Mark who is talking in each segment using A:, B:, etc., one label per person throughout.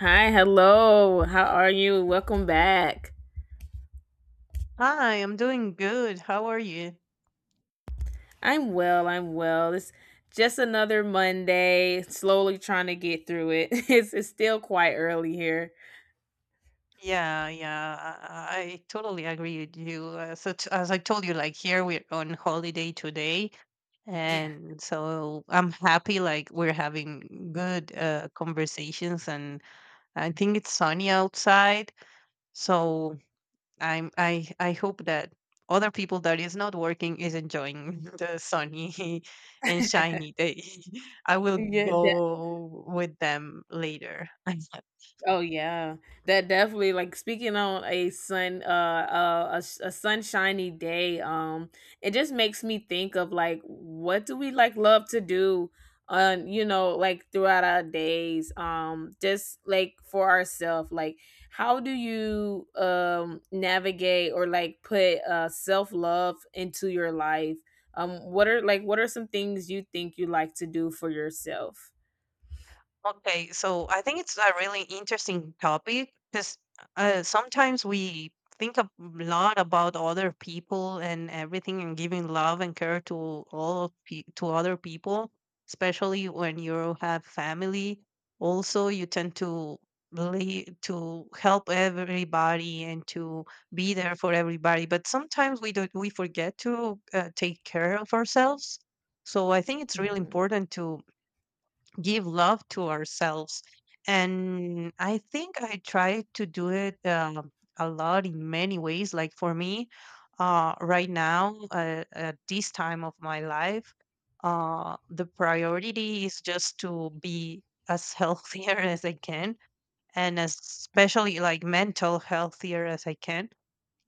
A: Hi, hello. How are you? Welcome back.
B: Hi, I'm doing good. How are you?
A: I'm well. I'm well. It's just another Monday. Slowly trying to get through it. It's still quite early here.
B: Yeah, yeah, I totally agree with you. As I told you, like here we're on holiday today, and so I'm happy. Like we're having good conversations, and I think it's sunny outside. So I hope that other people that is not working is enjoying the sunny and shiny day. I will
A: Yeah,
B: go with them later.
A: oh yeah, that definitely like speaking on a sunshiny day, it just makes me think of like what do we like love to do on, you know, like throughout our days, just like for ourselves, like how do you navigate or like put self love into your life? What are like what are some things you think you like to do for yourself?
B: Okay, so I think it's a really interesting topic because sometimes we think a lot about other people and everything and giving love and care to to other people, especially when you have family. Also, you tend to really to help everybody and to be there for everybody. But sometimes we don't we forget to take care of ourselves. So I think it's really
A: Hmm.
B: important to give love to ourselves. And I think I try to do it a lot in many ways. Like for me, right now, at this time of my life, the priority is just to be as healthier as I can and especially like mental healthier as I can,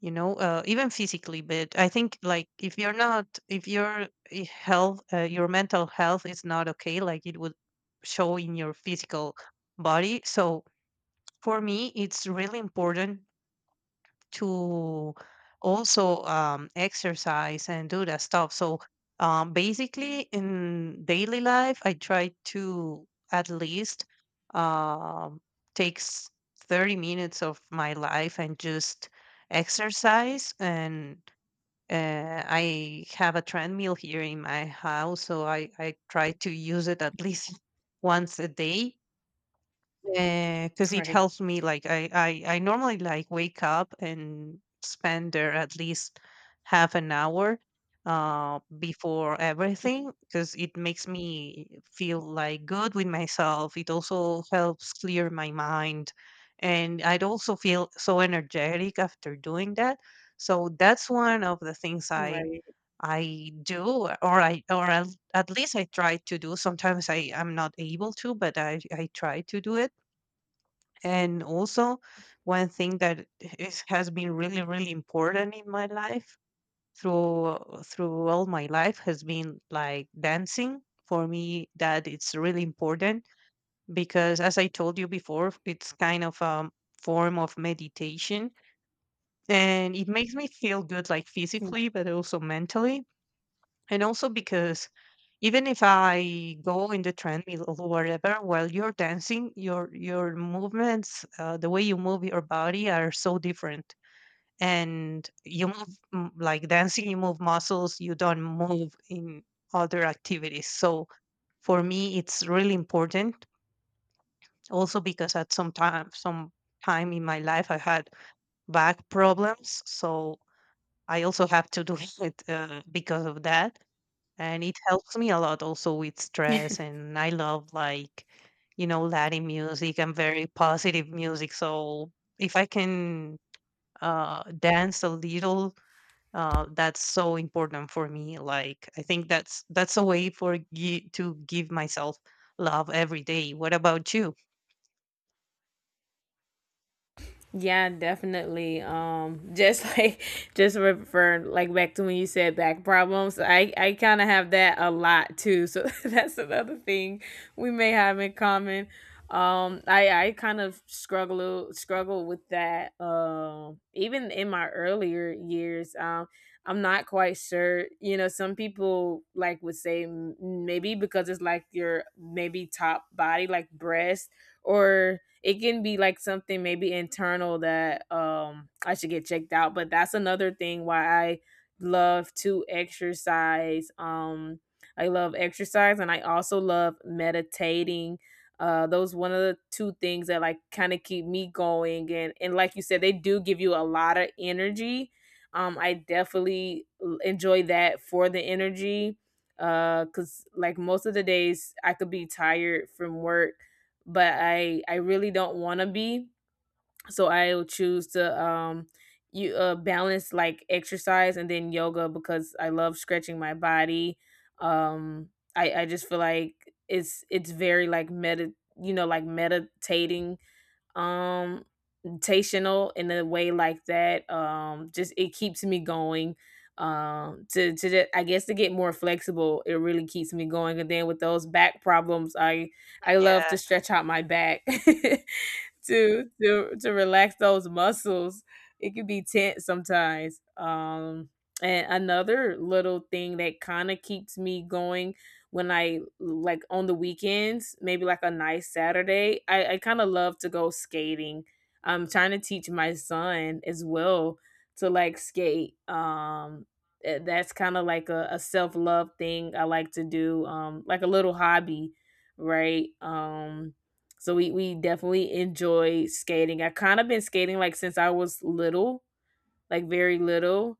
B: even physically. But I think like if you're not if your I- health your mental health is not okay, like it would show in your physical body. So for me it's really important to also exercise and do that stuff. So basically, in daily life, I try to at least, um, takes 30 minutes of my life and just exercise. And I have a treadmill here in my house, so I try to use it at least once a day, because it
A: Right.
B: helps me. Like, I normally like wake up and spend there at least half an hour before everything, because it makes me feel like good with myself. It also helps clear my mind, and I'd also feel so energetic after doing that. So that's one of the things i
A: Right.
B: i do, or at least I try to do. Sometimes I'm not able to, but I try to do it. And also, one thing that has been really, really important in my life through through all my life has been like dancing. For me, that it's really important because, as I told you before, it's kind of a form of meditation, and it makes me feel good, like physically, but also mentally. And also because even if I go in the treadmill or whatever, while you're dancing, your movements, the way you move your body are so different. And you move, like dancing, you move muscles you don't move in other activities. So for me, it's really important. Also because at some time in my life, I had back problems, so I also have to do it because of that. And it helps me a lot also with stress. And I love like, you know, Latin music and very positive music. So if I can dance a little, that's so important for me. Like I think that's a way for you to give myself love every day. What about you?
A: Yeah, definitely. Just like just refer like back to when you said back problems. I kind of have that a lot too. So that's another thing we may have in common. I kind of struggle with that. Even in my earlier years, I'm not quite sure. You know, some people like would say maybe because it's like your maybe top body, like breast, or it can be like something maybe internal that I should get checked out. But that's another thing why I love to exercise. I love exercise and I also love meditating. Those one of the two things that like kind of keep me going, and like you said, they do give you a lot of energy. I definitely enjoy that for the energy, cuz like most of the days I could be tired from work, but I really don't want to be. So I will choose to, you balance like exercise and then yoga because I love stretching my body. Um I just feel like it's very like medi you know, like meditating, um confrontational in a way like that. Just it keeps me going. To I guess to get more flexible, it really keeps me going. And then with those back problems, I love
B: Yeah,
A: to stretch out my back. To relax those muscles. It can be tense sometimes. And another little thing that kind of keeps me going when I like on the weekends, maybe like a nice Saturday, I kind of love to go skating. I'm trying to teach my son as well to like skate. That's kind of like a self love thing I like to do, like a little hobby, right? So we definitely enjoy skating. I kind of been skating like since I was little, like very little.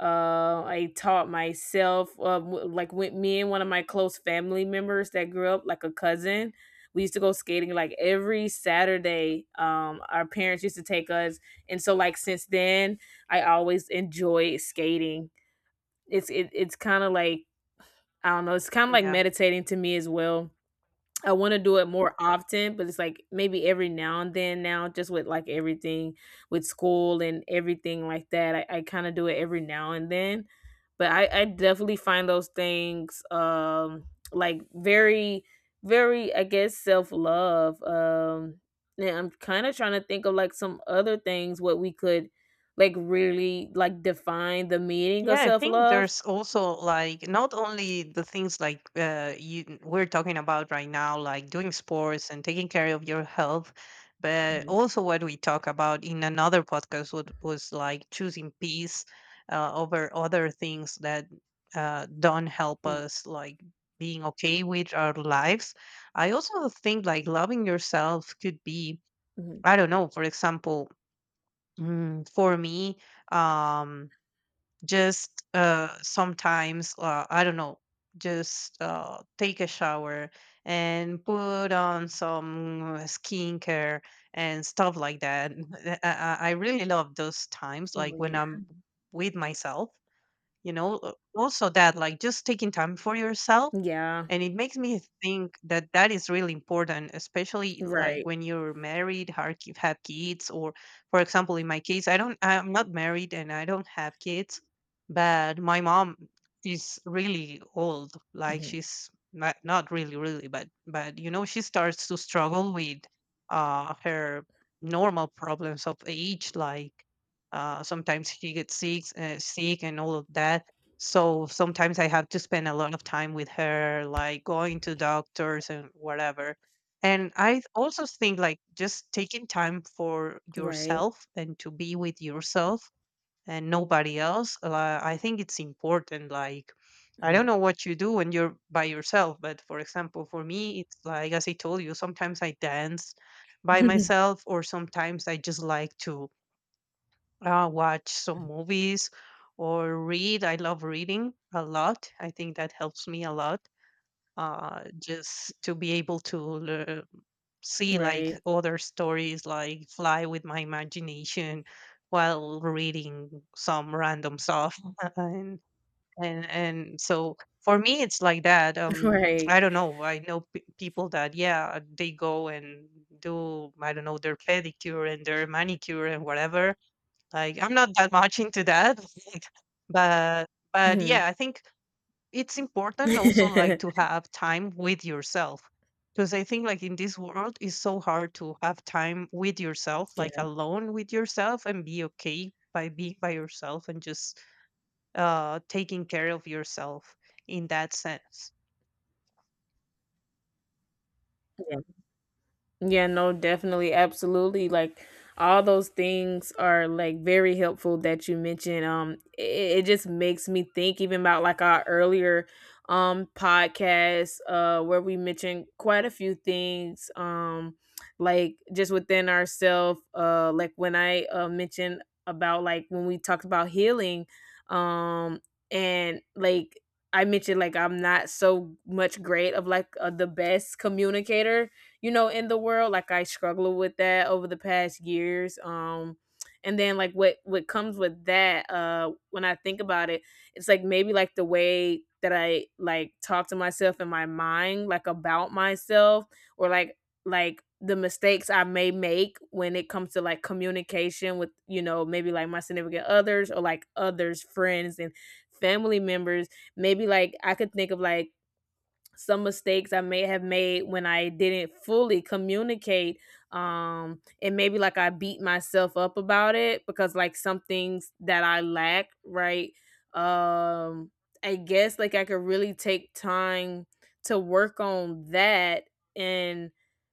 A: I taught myself. Like with me and one of my close family members that grew up, like a cousin. We used to go skating like every Saturday. Our parents used to take us, and so like since then, I always enjoy skating. It's kind of like, I don't know. It's kind of like
B: yeah.
A: meditating to me as well. I wanna do it more often, but it's like maybe every now and then now, just with like everything with school and everything like that. I kinda do it every now and then. But I definitely find those things like very, very, I guess, self love. And I'm kinda trying to think of like some other things what we could like really like define the meaning of
B: Yeah, I
A: self
B: think
A: love.
B: there's also like not only the things like, you we're talking about right now, like doing sports and taking care of your health, but
A: Mhm.
B: also what we talk about in another podcast was like choosing peace over other things that don't help
A: Mm,
B: us, like being okay with our lives. I also think like loving yourself could be,
A: mhm.
B: I don't know, for example, for me. Um, just sometimes I don't know, just take a shower and put on some skincare and stuff like that. I really love those times like
A: Oh
B: when
A: yeah.
B: I'm with myself, you know. Also that, like just taking time for yourself.
A: Yeah.
B: And it makes me think that that is really important, especially like
A: Right.
B: when you're married, have kids, or for example, in my case, I'm not married and I don't have kids. But my mom is really old. Like
A: Mhm.
B: she's not, not really really, but you know, she starts to struggle with her normal problems of age. Like sometimes she gets sick and all of that. So sometimes I have to spend a lot of time with her, like going to doctors and whatever. And I also think like just taking time for
A: Right.
B: yourself and to be with yourself and nobody else. I think it's important. Like, I don't
A: Mhm.
B: know what you do when you're by yourself, but for example, for me, it's like, as I told you, sometimes I dance by myself, or sometimes I just like to watch some movies or read. I love reading a lot. I think that helps me a lot. Just to be able to see like
A: Right.
B: other stories, like fly with my imagination while reading some random stuff, and and so for me it's like that.
A: Right.
B: I don't know. I know people that, yeah, they go and do, I don't know, their pedicure and their manicure and whatever. Like, I'm not that much into that, but but yeah,
A: Mhm.
B: I think it's important also like to have time with yourself, because I think like in this world it's so hard to have time with yourself,
A: Yeah.
B: like alone with yourself, and be okay by being by yourself and just taking care of yourself in that sense.
A: Yeah, no, definitely, absolutely. Like all those things are like very helpful that you mentioned. It, it just makes me think even about like our earlier podcast where we mentioned quite a few things, like just within ourselves, like when I mentioned about, like when we talked about healing, um and like I mentioned like I'm not so much great of like, the best communicator, you know, in the world. Like I struggle with that over the past years. And then like what comes with that when I think about it, it's like maybe like the way that I like talk to myself in my mind, like about myself, or like the mistakes I may make when it comes to like communication with, you know, maybe like my significant others or like others, friends and family members. Maybe like I could think of like some mistakes I may have made when I didn't fully communicate. And maybe like I beat myself up about it because like some things that I lack, right? Um, I guess like I could really take time to work on that and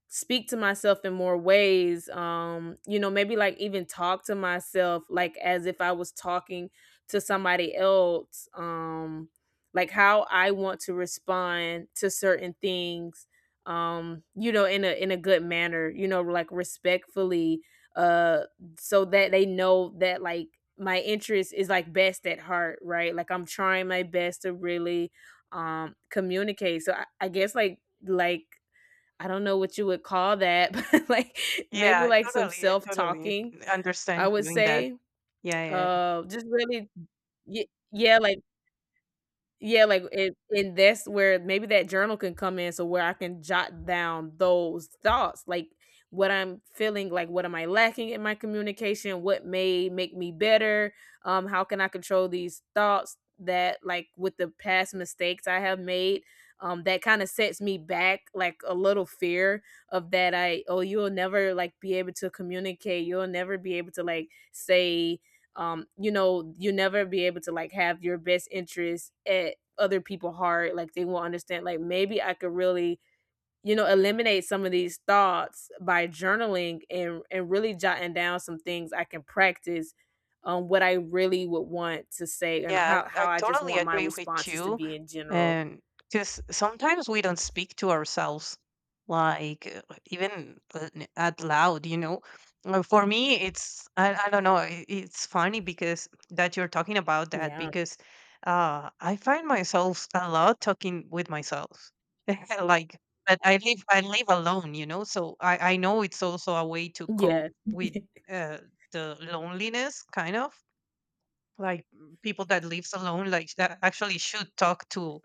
A: speak to myself in more ways. You know, maybe like even talk to myself like as if I was talking to somebody else. Like how I want to respond to certain things, you know, in a, in a good manner, you know, like respectfully, uh so that they know that like my interest is like best at heart, right? Like I'm trying my best to really communicate. So I guess like I don't know what you would call that, but like maybe like some
B: I
A: self
B: totally
A: talking, I
B: understand
A: would
B: you in that.
A: say,
B: Yeah, yeah, yeah.
A: just really, yeah, like, yeah, like, and that's where maybe that journal can come in, so where I can jot down those thoughts, like, what I'm feeling, like, what am I lacking in my communication? What may make me better? How can I control these thoughts that, like, with the past mistakes I have made, that kinda sets me back, like, a little fear of that I, "Oh, you'll never, like, be able to communicate. You'll never be able to, like, say, you know, you never be able to like have your best interest at other people heart, like they will not understand, like maybe I could really, you know, eliminate some of these thoughts by journaling, and really jotting down some things I can practice, what I really would want to say and
B: Yeah,
A: how
B: I
A: how I just
B: totally
A: want my
B: agree with
A: responses to
B: you.
A: be in general.
B: And because sometimes we don't speak to ourselves, like out loud, you know. For me, it's, I don't know, it's funny because that you're talking about that,
A: Yeah.
B: because I find myself a lot talking with myself. Like, but I live alone, you know, so I know it's also a way to cope
A: Yeah.
B: with, uh, the loneliness, kind of. Like, people that lives alone like that actually should talk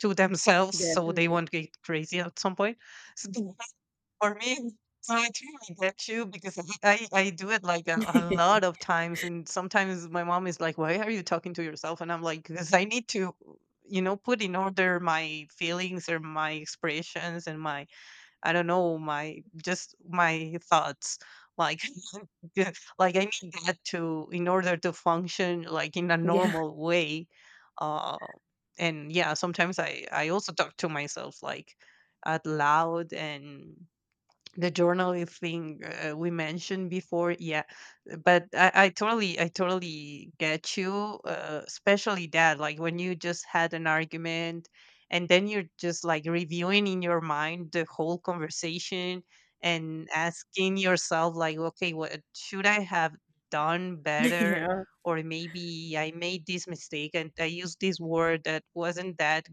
B: to themselves, so they
A: Definitely.
B: won't get crazy at some point. So for me, so I totally get you, because I do it like a lot of times, and sometimes my mom is like, why are you talking to yourself? And I'm like, because I need to, you know, put in order my feelings or my expressions and my, I don't know, my just my thoughts, like. Good. Like I need that to in order to function like in a
A: Yeah.
B: normal way. Uh, and yeah, sometimes I also talk to myself like out loud. And the journaling thing we mentioned before, yeah, but I totally get you, especially that like when you just had an argument, and then you're just like reviewing in your mind the whole conversation and asking yourself like, okay, what should I have done better?
A: Yeah.
B: Or maybe I made this mistake and I used this word that wasn't that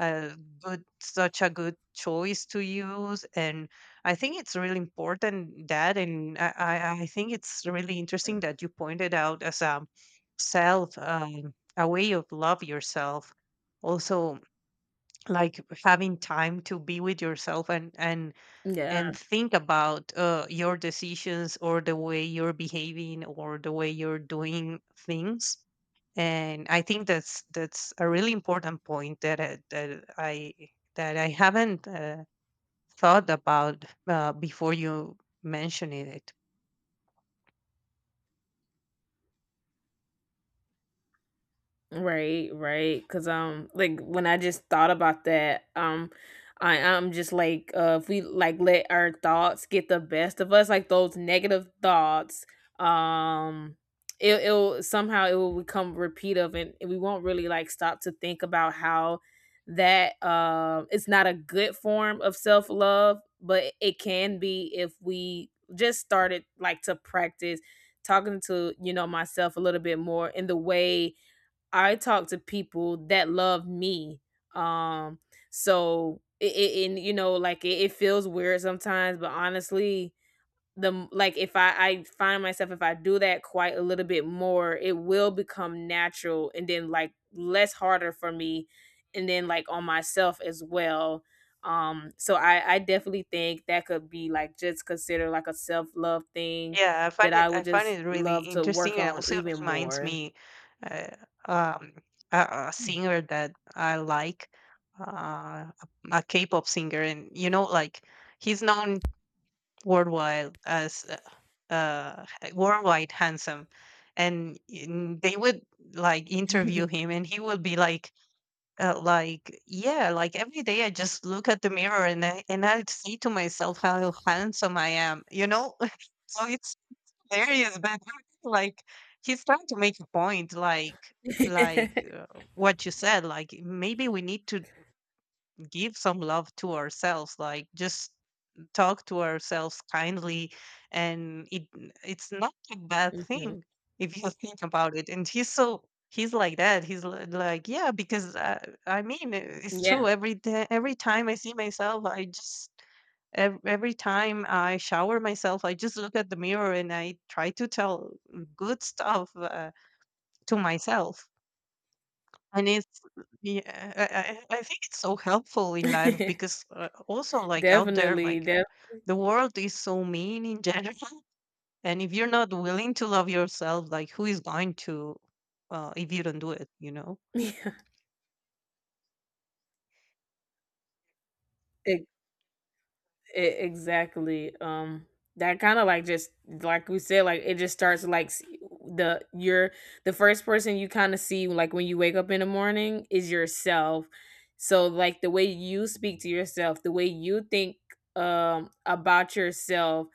B: a good, such a good choice to use. And I think it's really important that, and I think it's really interesting that you pointed out as a self, a way of love yourself also, like having time to be with yourself and and
A: Yeah.
B: and think about your decisions or the way you're behaving or the way you're doing things. And I think that's a really important point that I, that I that I haven't, thought about before you mentioning it.
A: Right, right. Cause like when I just thought about that, I'm just like, if we like let our thoughts get the best of us, like those negative thoughts, um, it'll somehow it will become repeative, and we won't really like stop to think about how that, it's not a good form of self love, but it can be if we just started like to practice talking to, you know, myself a little bit more in the way I talk to people that love me. Um, so it, it and you know, like it feels weird sometimes, but honestly, the like if I, I find myself if I do that quite a little bit more, it will become natural and then like less harder for me, and then like on myself as well. So I definitely think that could be like just considered like a self love thing
B: Yeah,
A: that I
B: I
A: would
B: find
A: just
B: it really
A: love to work
B: interesting. And
A: on
B: also
A: even
B: reminds
A: more.
B: me uh, um, a singer that I like, uh, a, a K-pop singer, and you know, like, he's known worldwide as uh, uh, worldwide handsome, and they would like interview him, and he would be like. Like, yeah, like every day I just look at the mirror and I see to myself how handsome I am, you know. So it's hilarious, but like, he's trying to make a point, like like what you said, like maybe we need to give some love to ourselves, like just talk to ourselves kindly, and it's not a bad
A: Mhm.
B: thing if you think about it. And he's so, he's like that. He's like, yeah, because it's
A: Yeah.
B: true. Every day, every time I see myself, I just, every time I shower myself, I just look at the mirror and I try to tell good stuff to myself. And it's, yeah, I think it's so helpful in life because, also, like out there,
A: Definitely.
B: like
A: Def
B: the world is so mean in general. And if you're not willing to love yourself, like who is going to, if you don't do it, you know?
A: yeah. Exactly, that kind of like just like we said, like it just starts like the your the first person you kind of see like when you wake up in the morning is yourself. So like the way you speak to yourself, the way you think about yourself,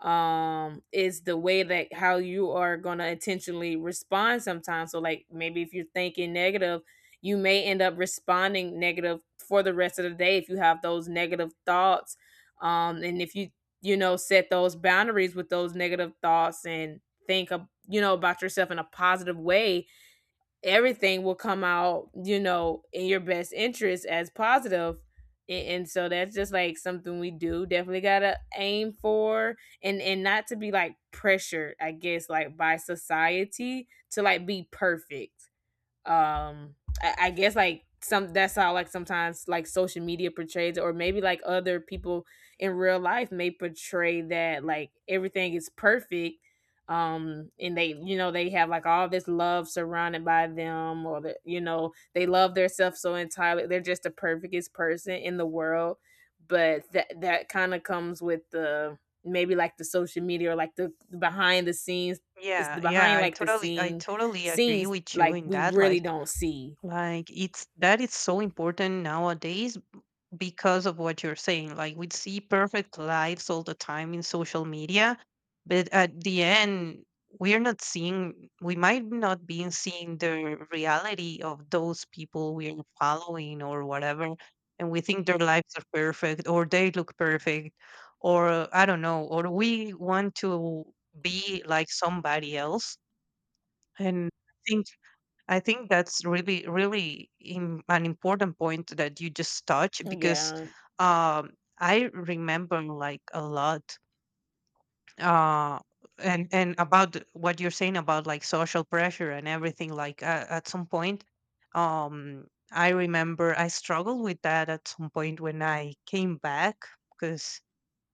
A: is the way that how you are going to intentionally respond sometimes. So like maybe if you're thinking negative, you may end up responding negative for the rest of the day if you have those negative thoughts. And if you, you know, set those boundaries with those negative thoughts and think of, you know, about yourself in a positive way, everything will come out, you know, in your best interest as positive. And so that's just like something we do. Definitely gotta aim for, and not to be like pressured, I guess, like by society to like be perfect, um I guess like some, that's how like sometimes like social media portrays it, or maybe like other people in real life may portray that like everything is perfect, and they, you know, they have like all this love surrounded by them, or that, you know, they love themselves so entirely, they're just the perfectest person in the world. But that that kind of comes with the maybe like the social media or like the behind the scenes. It's
B: Yeah,
A: the
B: yeah,
A: behind
B: I
A: like the
B: totally, I totally agree
A: scenes
B: with you
A: like
B: in
A: we
B: that.
A: really don't see.
B: Like it's that is so important nowadays because of what you're saying. Like we see perfect lives all the time in social media, but at the end, we might not be seeing the reality of those people we're following or whatever. And we think their lives are perfect or they look perfect, or I don't know, or we want to be like somebody else. And I think that's really, really im an important point that you just touched because
A: Yeah.
B: um, I remember like a lot uh, and what you're saying about like social pressure and everything. Like at some point, I remember I struggled with that at some point when I came back because.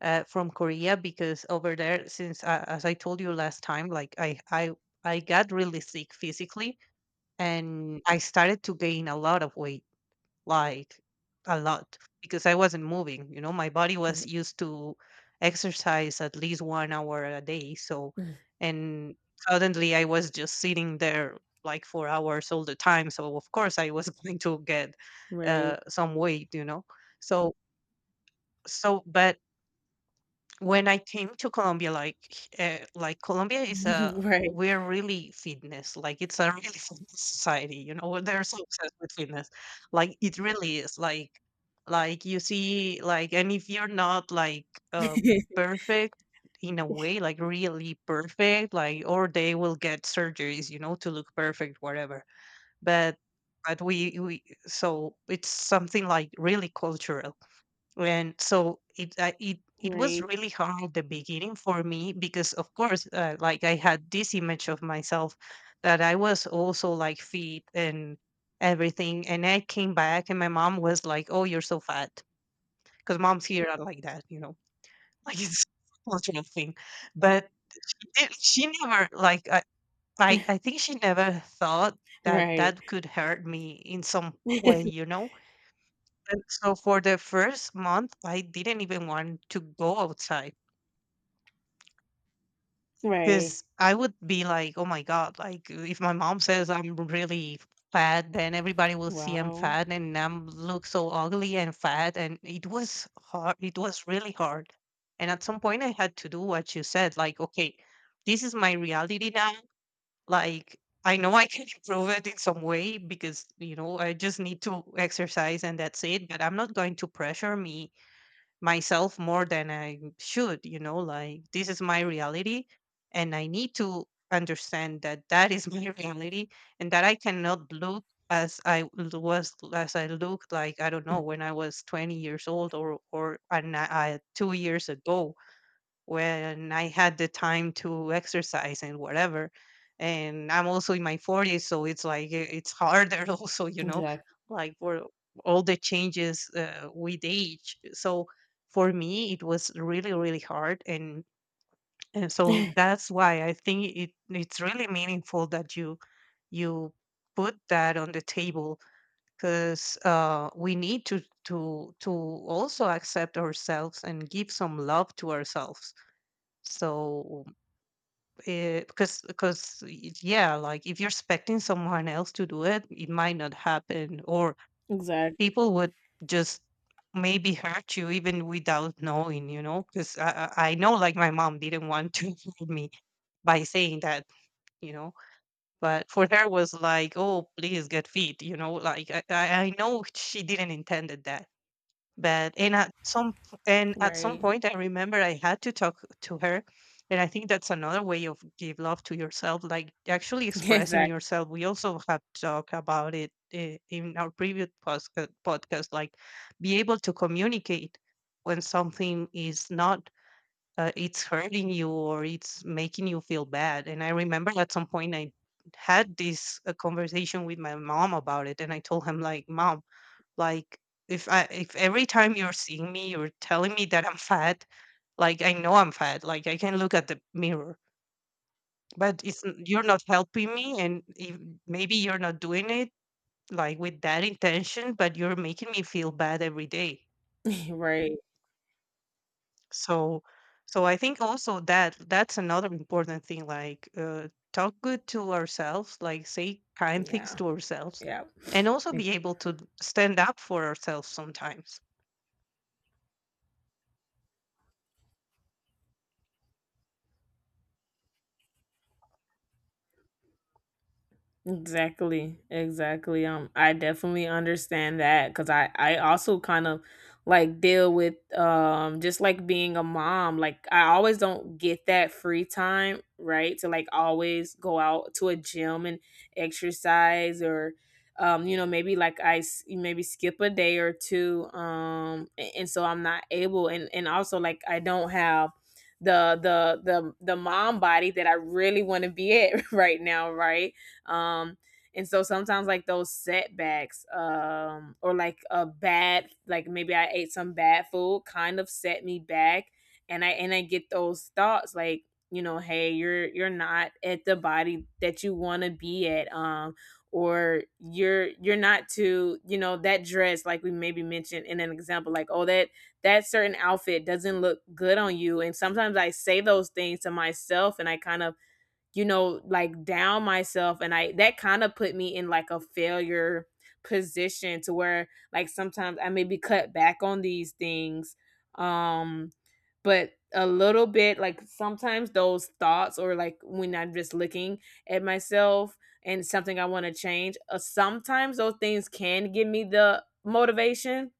B: From Korea because over there since as I told you last time like I got really sick physically and I started to gain a lot of weight, like a lot, because I wasn't moving. You know, my body was used to exercise at least 1 hour a day. And suddenly I was just sitting there like 4 hours all the time. So, of course, I was going to get
A: Right.
B: some weight, you know. So, so, but when I came to Colombia, like Colombia is a
A: Right.
B: we're really fitness, like it's a really fitness society. You know, they're so obsessed with fitness, like it really is. Like you see, like and if you're not like uh perfect in a way, like really perfect, like or they will get surgeries, you know, to look perfect, whatever. But but we so it's something like really cultural and so it it it was
A: Right.
B: really hard at the beginning for me because of course like I had this image of myself that I was also like fit and everything, and I came back and my mom was like, oh, you're so fat, because moms here are like that, you know, like it's a cultural thing. But it- she never like I think she never thought that
A: Right.
B: that could hurt me in some way, you know. And so for the first month, I didn't even want to go outside
A: Right.
B: because I would be like, oh my God, like if my mom says I'm really fat, then everybody will see I'm
A: Wow.
B: fat and I am look so ugly and fat. And it was hard. It was really hard. And at some point, I had to do what you said like, okay, this is my reality now. Like, I know I can improve it in some way because, you know, I just need to exercise and that's it. But I'm not going to pressure me myself more than I should, you know, like this is my reality and I need to understand that that is my reality and that I cannot look as I looked, like I don't know, when I was 20 years old, or 2 years ago when I had the time to exercise and whatever. And I'm also in my 40s, so it's like it's harder also, you know,
A: Exactly.
B: like for all the changes with age. So for me, it was really, really hard, and so that's why I think it it's really meaningful that you put that on the table because we need to also accept ourselves and give some love to ourselves, so because yeah, like if you're expecting someone else to do it, it might not happen, or
A: Exactly.
B: people would just maybe hurt you even without knowing, you know, because I know like my mom didn't want to hurt me by saying that, you know, but for her was like, oh please get fit, you know, like I know she didn't intended that. But and and at some
A: Right.
B: point, I remember I had to talk to her, and I think that's another way of give love to yourself, like actually expressing
A: Exactly.
B: yourself. We also have talked about it in our previous podcast, like be able to communicate when something is not, it's hurting you or it's making you feel bad. And I remember at some point I had this conversation with my mom about it, and I told him like, "Mom." Like, if every time you're seeing me, you're telling me that I'm fat, like, I know I'm fat, like, I can look at the mirror, but it's n you're not helping me, and if maybe you're not doing it, like, with that intention, but you're making me feel bad every day.
A: Right.
B: So so I think also that that's another important thing, like, talk good to ourselves, like, say kind things
A: Yeah.
B: to ourselves,
A: Yeah.
B: and also be able to stand up for ourselves sometimes.
A: Exactly, exactly. I definitely understand that because I also kind of like deal with just like being a mom. Like I always don't get that free time, right? To like always go out to a gym and exercise or maybe like maybe skip a day or two and so I'm not able and also like I don't have the mom body that I really want to be at right now, right? Um, and so sometimes like those setbacks, or like a bad, like maybe I ate some bad food, kind of set me back, and I get those thoughts like you know, hey, you're not at the body that you want to be at, or you're not to you know that dress like we maybe mentioned in an example like, oh, that that certain outfit doesn't look good on you. And sometimes I say those things to myself and I kind of, you know, like down myself. And that kind of put me in like a failure position to where like sometimes I maybe cut back on these things. Um, but a little bit like sometimes those thoughts or like when I'm just looking at myself and something I want to change, sometimes those things can give me the motivation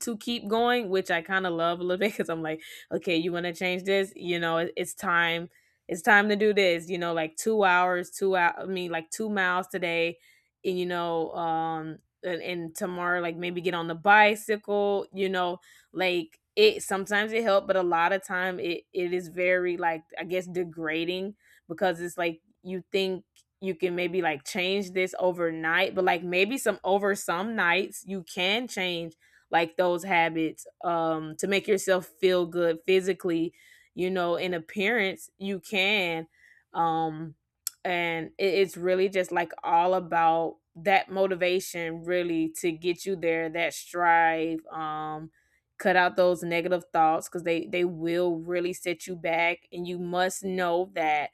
A: to keep going, which I kind of love a little bit because I'm like, okay, you want to change this? You know, it's time. It's time to do this. You know, like two hours, two hours. I mean, like 2 miles today, and you know, and tomorrow, like maybe get on the bicycle. You know, like it. Sometimes it helps, but a lot of time it is very like, I guess, degrading because it's like you think you can maybe like change this overnight, but like maybe some over some nights you can change like those habits to make yourself feel good physically, you know, in appearance you can. um and it's really just like all about that motivation really to get you there, that strive. Cut out those negative thoughts because they will really set you back, and you must know that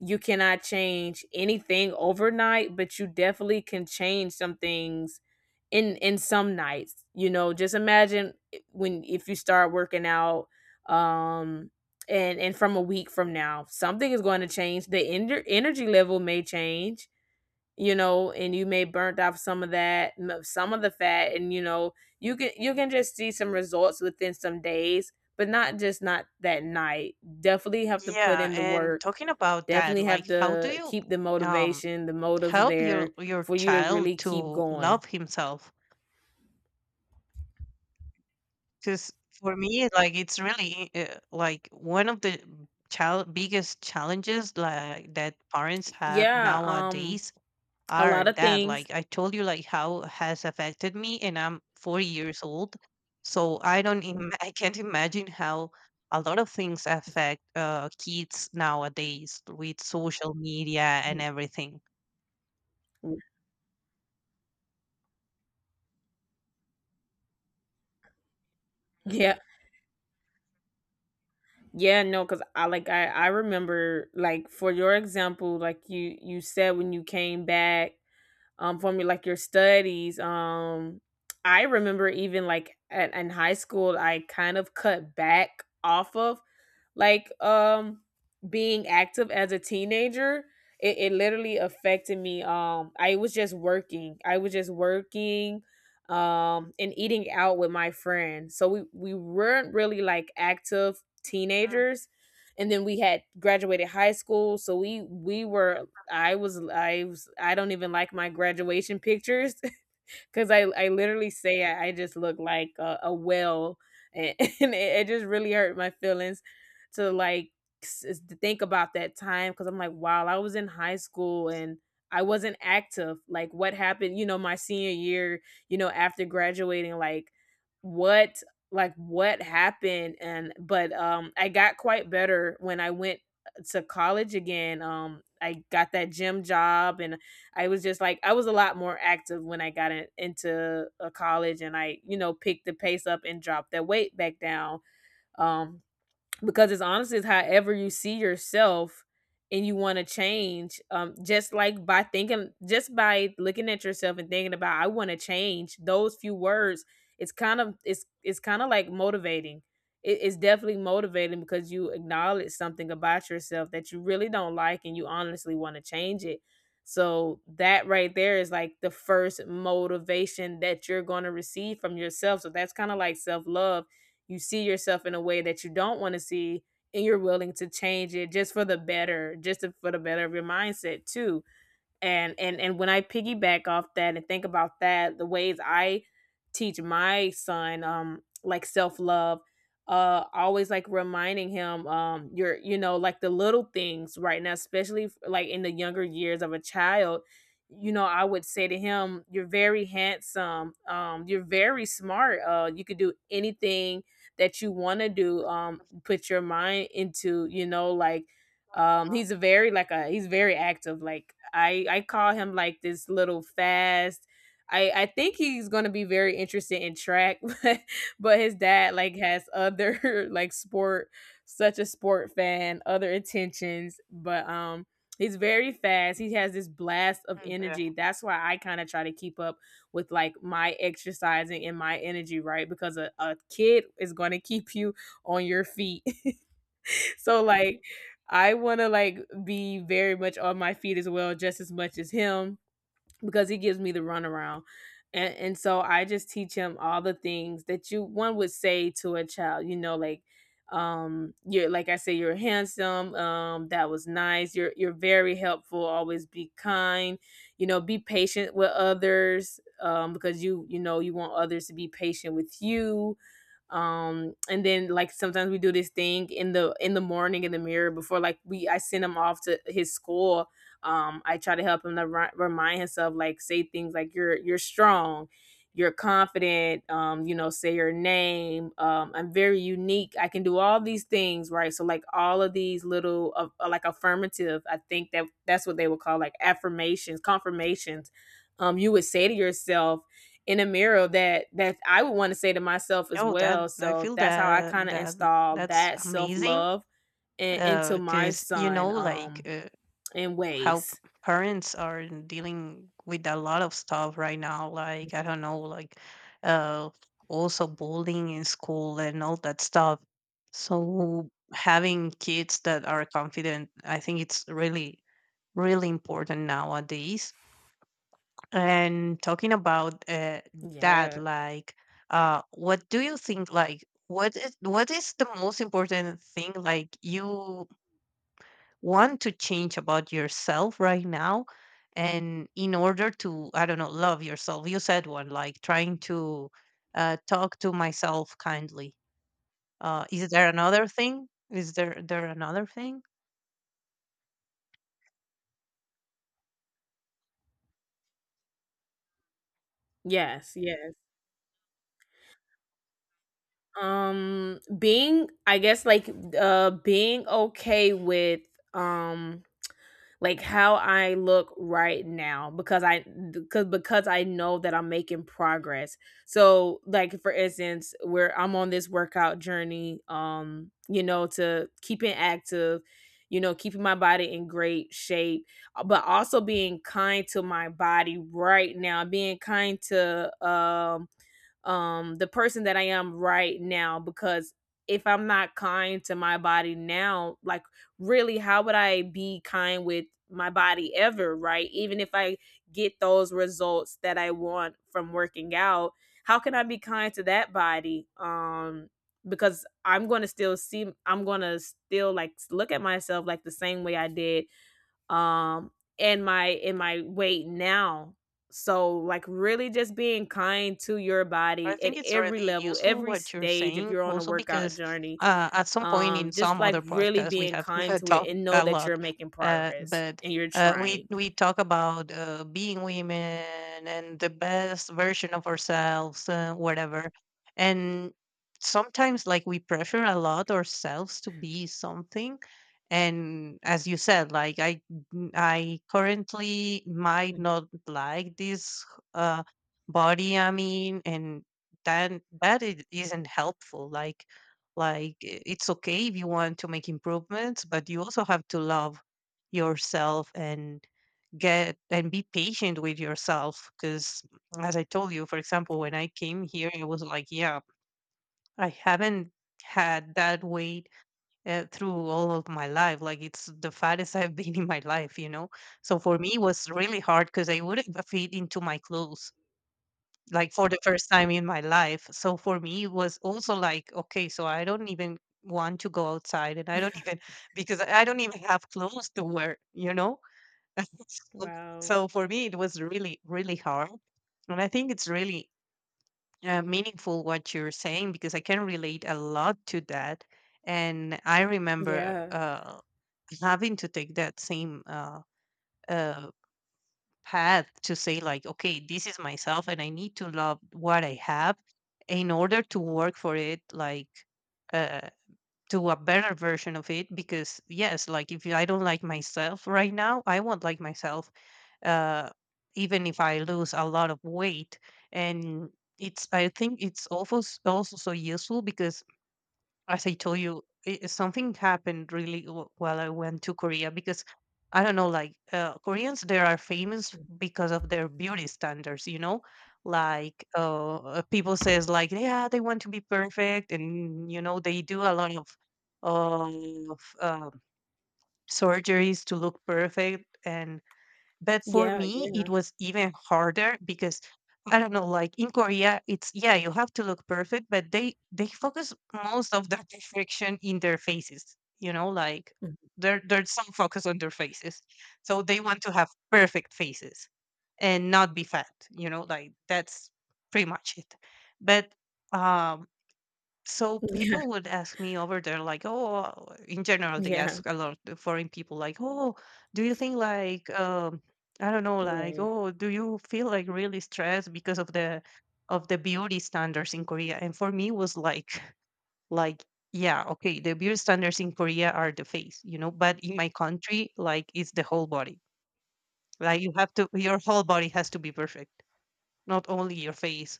A: you cannot change anything overnight but you definitely can change some things in some nights. You know, just imagine when if you start working out, um and from a week from now something is going to change. The energy level may change, you know, and you may burnt off some of that some of the fat, and you know, you can just see some results within some days, but not just not that night. Definitely have to put
B: Yeah,
A: in the
B: and
A: work.
B: talking about that,
A: Definitely have
B: like how do
A: to
B: you
A: keep the
B: um
A: motivation, the motives
B: help
A: there
B: your
A: for you to
B: child
A: really keep
B: to
A: going.
B: love himself? Because for me, like it's really like one of the child biggest challenges like that parents have
A: Yeah,
B: nowadays
A: a
B: are
A: lot of
B: that
A: things.
B: like I told you, like how has affected me and I'm 4 years old, so I don't I can't imagine how a lot of things affect kids nowadays with social media and everything.
A: Yeah. Yeah, no, cuz I like I remember like for your example like you said when you came back from your like your studies. I remember even like at in high school I kind of cut back off of like being active as a teenager. It literally affected me. I was just working and eating out with my friends, so we weren't really like active teenagers, and then we had graduated high school, so we were I was I don't even like my graduation pictures because I literally say I just look like a whale. And, and it just really hurt my feelings to like to think about that time because I'm like, wow, I was in high school and I wasn't active. Like, what happened, you know, my senior year, you know, after graduating, what like what happened. And But I got quite better when I went to college again. I got that gym job, and I was just like I was a lot more active when I got in, into a college, and I, you know, picked the pace up and dropped that weight back down. um because it's honestly, it's however you see yourself and you want to change, just like by thinking, just by looking at yourself and thinking about, I want to change those few words. It's kind of, it's kind of like motivating. It's definitely motivating because you acknowledge something about yourself that you really don't like and you honestly want to change it, so that right there is like the first motivation that you're going to receive from yourself. So that's kind of like self-love. You see yourself in a way that you don't want to see, and you're willing to change it just for the better, just for the better of your mindset too. And When I piggyback off that and think about that, the ways I teach my son like self-love, always like reminding him. You know, like the little things right now, especially like in the younger years of a child, you know, I would say to him, you're very handsome, you're very smart, you could do anything that you want to do, put your mind into, you know, like, he's a very like a he's very active. Like I call him like this little fast. I think he's going to be very interested in track, but his dad like has other like sport, such a sport fan, other intentions. But he's very fast, he has this blast of
B: Mm, yeah.
A: energy, that's why I kind of try to keep up with like my exercising and my energy, right? Because a kid is going to keep you on your feet. So like I want to like be very much on my feet as well, just as much as him, because he gives me the runaround. And so I just teach him all the things that you one would say to a child, you know, like, you're like I say, you're handsome, that was nice, you're very helpful, always be kind, you know, be patient with others, because you know you want others to be patient with you. And then like sometimes we do this thing in the morning in the mirror before like we I send him off to his school. I try to help him to remind himself, like say things like, you're strong, you're confident, you know, say your name, I'm very unique, I can do all these things, right? So like all of these little of like affirmative, I think that that's what they would call like affirmations, confirmations you would say to yourself in a mirror, that that I would want to say to myself as
B: Oh, that
A: well.
B: I
A: So
B: feel
A: that's how I
B: that
A: kind of
B: that
A: installed
B: that's
A: that self
B: amazing.
A: love in, into my
B: Because you know,
A: son,
B: like
A: in
B: how
A: ways.
B: parents are dealing with a lot of stuff right now, like I don't know, like uh also bullying in school and all that stuff. So having kids that are confident, I think it's really really important nowadays. And talking about that,
A: Yeah.
B: like what do you think, like what is the most important thing like you want to change about yourself right now and in order to, I don't know, love yourself? You said one, like trying to talk to myself kindly. Is there another thing, is there another thing?
A: Yes. Yes. Being, I guess, like being okay with um like how I look right now, because I, because I know that I'm making progress. So like for instance, where I'm on this workout journey, you know, to keeping active, you know, keeping my body in great shape, but also being kind to my body right now, being kind to the person that I am right now, because if I'm not kind to my body now, like really how would I be kind with my body ever, right? Even if I get those results that I want from working out, how can I be kind to that body? Because I'm going to still see, I'm going to still like look at myself like the same way I did. um and my in my weight now. So like really just being kind to your
B: I
A: body at
B: think it's
A: every
B: really
A: level,
B: useful
A: every
B: what you're
A: stage, if
B: saying,
A: you're on a
B: also
A: workout
B: because
A: journey,
B: at some point in
A: just
B: some
A: like
B: other
A: really
B: podcasts we
A: being
B: have
A: kind to it
B: talked
A: and know
B: a
A: that you're
B: lot,
A: making progress
B: but
A: and you're trying.
B: we talk about being women and the best version of ourselves, whatever, and sometimes like we pressure a lot ourselves to be something, and as you said, like I currently might
A: Mm.
B: not like this. Uh, Body I'm in, and then that it isn't helpful. Like it's okay if you want to make improvements, but you also have to love yourself and get and be patient with yourself. Because as I told you, for example, when I came here, I was like, yeah, I haven't had that weight through all of my life. Like it's the fattest I've been in my life, you know. So for me, it was really hard because I wouldn't fit into my clothes like for the first time in my life. So for me, it was also like, okay, so I don't even want to go outside and I don't even, because I don't even have clothes to wear, you know? So
A: Wow.
B: so for me, it was really, really hard. And I think it's really meaningful what you're saying because I can relate a lot to that. And I remember
A: Yeah,
B: having to take that same uh, path to say like, okay, this is myself and I need to love what I have in order to work for it, like uh to a better version of it, because yes, like if I don't like myself right now, I won't like myself uh even if I lose a lot of weight. And it's I think it's also also so useful because as I told you, something happened really while I went to Korea because I don't know, like Koreans, they are famous because of their beauty standards. You know, like people says like, yeah, they want to be perfect, and you know, they do a lot of of um surgeries to look perfect. And but for
A: yeah.
B: me, it
A: Yeah.
B: was even harder because I don't know, like in Korea, it's yeah, you have to look perfect, but they focus most of that perfection in their faces. You know, like
A: Mm.
B: there's some focus on their faces, so they want to have perfect faces and not be fat. You know, like that's pretty much it. But um so people would ask me over there, like, oh, in general, they
A: Yeah, yeah.
B: ask a lot of foreign people, like, oh, do you think, like, I don't know, like,
A: Right.
B: oh, do you feel like really stressed because of the beauty standards in Korea? And for me, it was like, like, yeah, okay, the beauty standards in Korea are the face, you know, but in my country, like, it's the whole body. Like, your whole body has to be perfect, not only your face.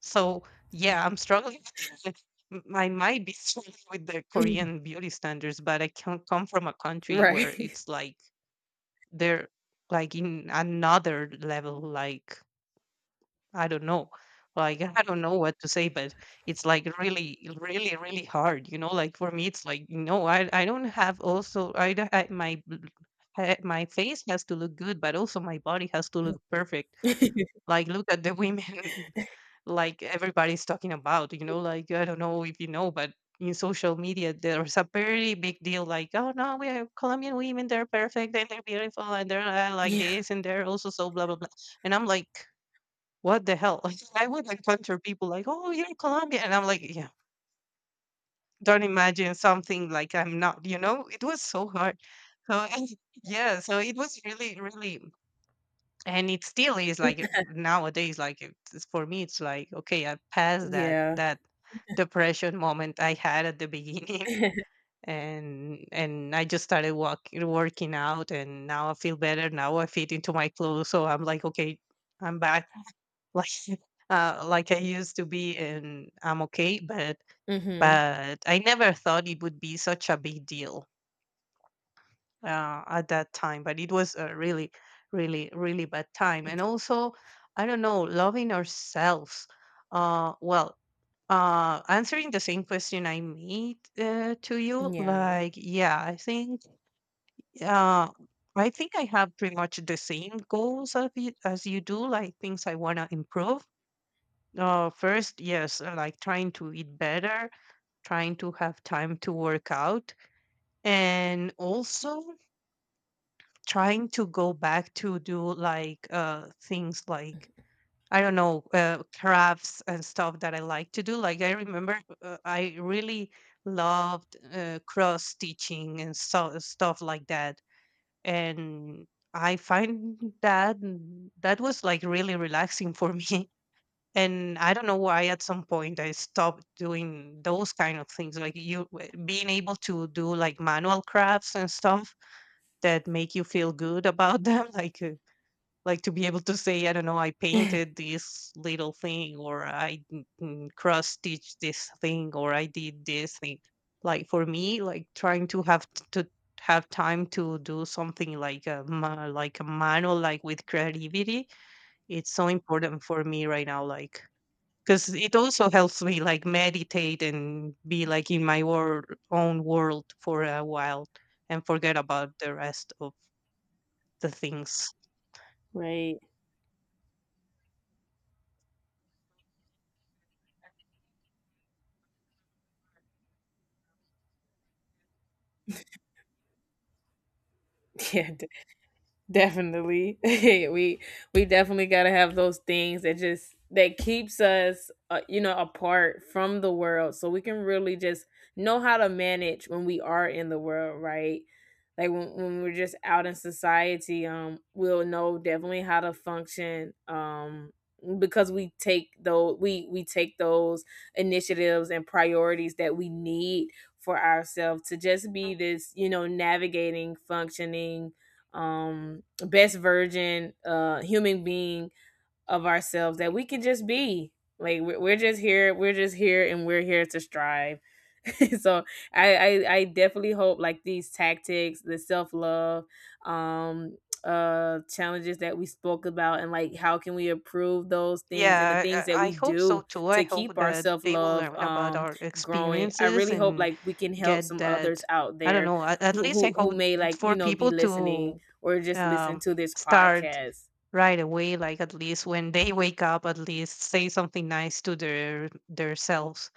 B: So yeah, I'm struggling. with- I might be struggling with the Korean beauty standards, but I can't— come from a country where
A: Right.
B: it's like they're like in another level. Like I don't know, I don't know what to say, but it's like really, really, really hard. You know, like for me, it's like no, I don't have— also I, don't- I my bl- my face has to look good, but also my body has to look perfect. Like, look at the women. Like everybody's talking about, you know, like I don't know if you know, but in social media there's a very big deal, like, oh no, we are Colombian women, they're perfect and they're beautiful and they're like
A: Yeah,
B: this and they're also so blah blah blah. And I'm like, what the hell. Like, I would encounter people like, oh, you're Colombian, and I'm like, yeah, don't imagine something like I'm not, you know. It was so hard. So yeah, so it was really, really— and it still is, like nowadays, like for me it's like, okay, I passed that
A: yeah.
B: that depression moment I had at the beginning. And I just started working out, and now I feel better, now I fit into my clothes, so I'm like, okay, I'm back, like like I used to be, and I'm okay. but
A: Mhm.
B: but I never thought it would be such a big deal at that time. But it was a really, really, really bad time. And also, I don't know, loving ourselves. Uh, well, answering the same question I made to you,
A: Yeah.
B: like, yeah, I think, uh, I think I have pretty much the same goals of you, as you do, like things I want to improve. First, yes, like trying to eat better, trying to have time to work out, and also trying to go back to do like things like I don't know, crafts and stuff that I like to do. Like I remember I really loved cross stitching and so stuff like that, and I find that that was like really relaxing for me. And I don't know why at some point I stopped doing those kind of things, like you being able to do like manual crafts and stuff that make you feel good about them, like to be able to say, I don't know, I painted this little thing, or I cross stitched this thing, or I did this thing. Like for me, like trying to have to have time to do something like like a manual, like with creativity, it's so important for me right now, like because it also helps me like meditate and be like in my own world for a while and forget about the rest of the things.
A: Right. Yeah. Definitely. We definitely got to have those things that just that keeps us, you know, apart from the world, so we can really just know how to manage when we are in the world, right? Like when we're just out in society, we'll know definitely how to function, because we take those, we take those initiatives and priorities that we need for ourselves to just
B: Mm,
A: be this, you know, navigating, functioning, um best version, human being of ourselves that we can just be. Like we're just here, we're just here, and we're here to strive. So I I definitely hope like these tactics, the self love, um, challenges that we spoke about, and like how can we improve those things and the
B: yeah,
A: things that
B: I
A: we
B: hope so
A: do
B: too. I
A: to
B: hope
A: keep our
B: that
A: self
B: they will
A: love
B: learn about our
A: growing. I
B: experiences
A: really hope
B: and
A: like we can help
B: get
A: some others
B: that.
A: out
B: I don't
A: there
B: know. At least I
A: who
B: hope
A: may, like, you
B: for
A: know, be
B: people
A: listening
B: to
A: or just listen
B: um,
A: to this
B: start
A: podcast.
B: right away. Like at least when they wake up, at least say something nice to their selves.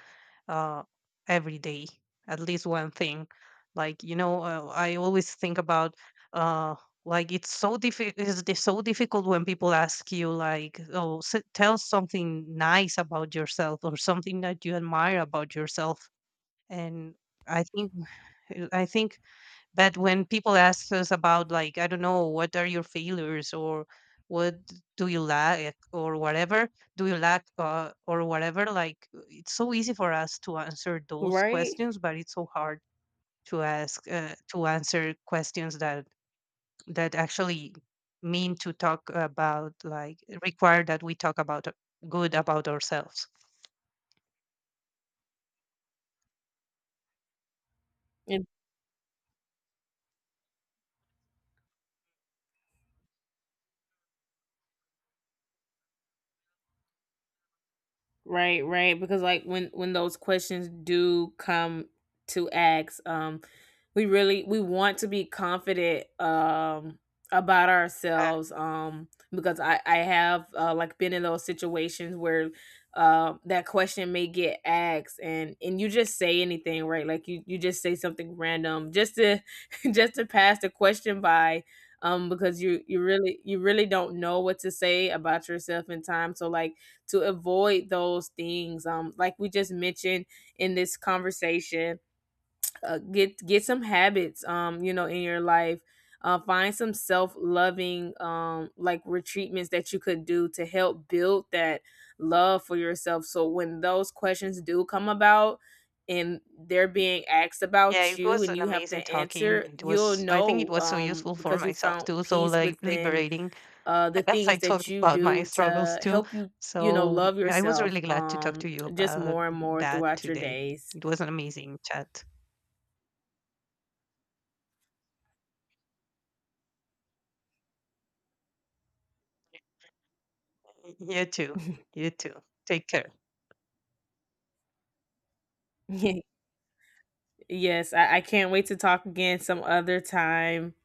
B: uh, every day, at least one thing. Like you know, I always think about uh, like it's so difficult. It's so difficult when people ask you like, "Oh, tell something nice about yourself or something that you admire about yourself." And I think, I think— but when people ask us about, like, I don't know, what are your failures or what do you lack or whatever, do you lack or whatever, like it's so easy for us to answer those
A: Right?
B: questions, but it's so hard to answer questions that— that actually mean to talk about like require that we talk about good about ourselves.
A: Right, right. Because like when those questions do come to ask, we really we want to be confident about
B: Uh,
A: ourselves. Because I have, like, been in those situations where that question may get asked, and you just say anything, right? Like you just say something random just to just to pass the question by. Because you really, you really don't know what to say about yourself in time. So like to avoid those things, like we just mentioned in this conversation, get some habits, you know, in your life, find some self-loving like retreatments that you could do to help build that love for yourself, so when those questions do come about and they're being asked
B: yeah,
A: about
B: it
A: you
B: was
A: and
B: an
A: you have to
B: amazing talking.
A: answer,
B: It
A: you'll
B: was, I think it
A: know,
B: was so useful for
A: because you
B: myself
A: found
B: too, so
A: peace
B: like
A: within
B: liberating.
A: the
B: As I
A: things that
B: talked
A: you
B: about my
A: do
B: struggles
A: to
B: too.
A: help you, you know,
B: So
A: love
B: yeah, I was
A: yourself,
B: really glad to talk to you
A: just
B: about
A: more and more
B: that
A: throughout your
B: today.
A: days.
B: It was an amazing chat. You too. You too. Take care.
A: Yes, I can't wait to talk again some other time.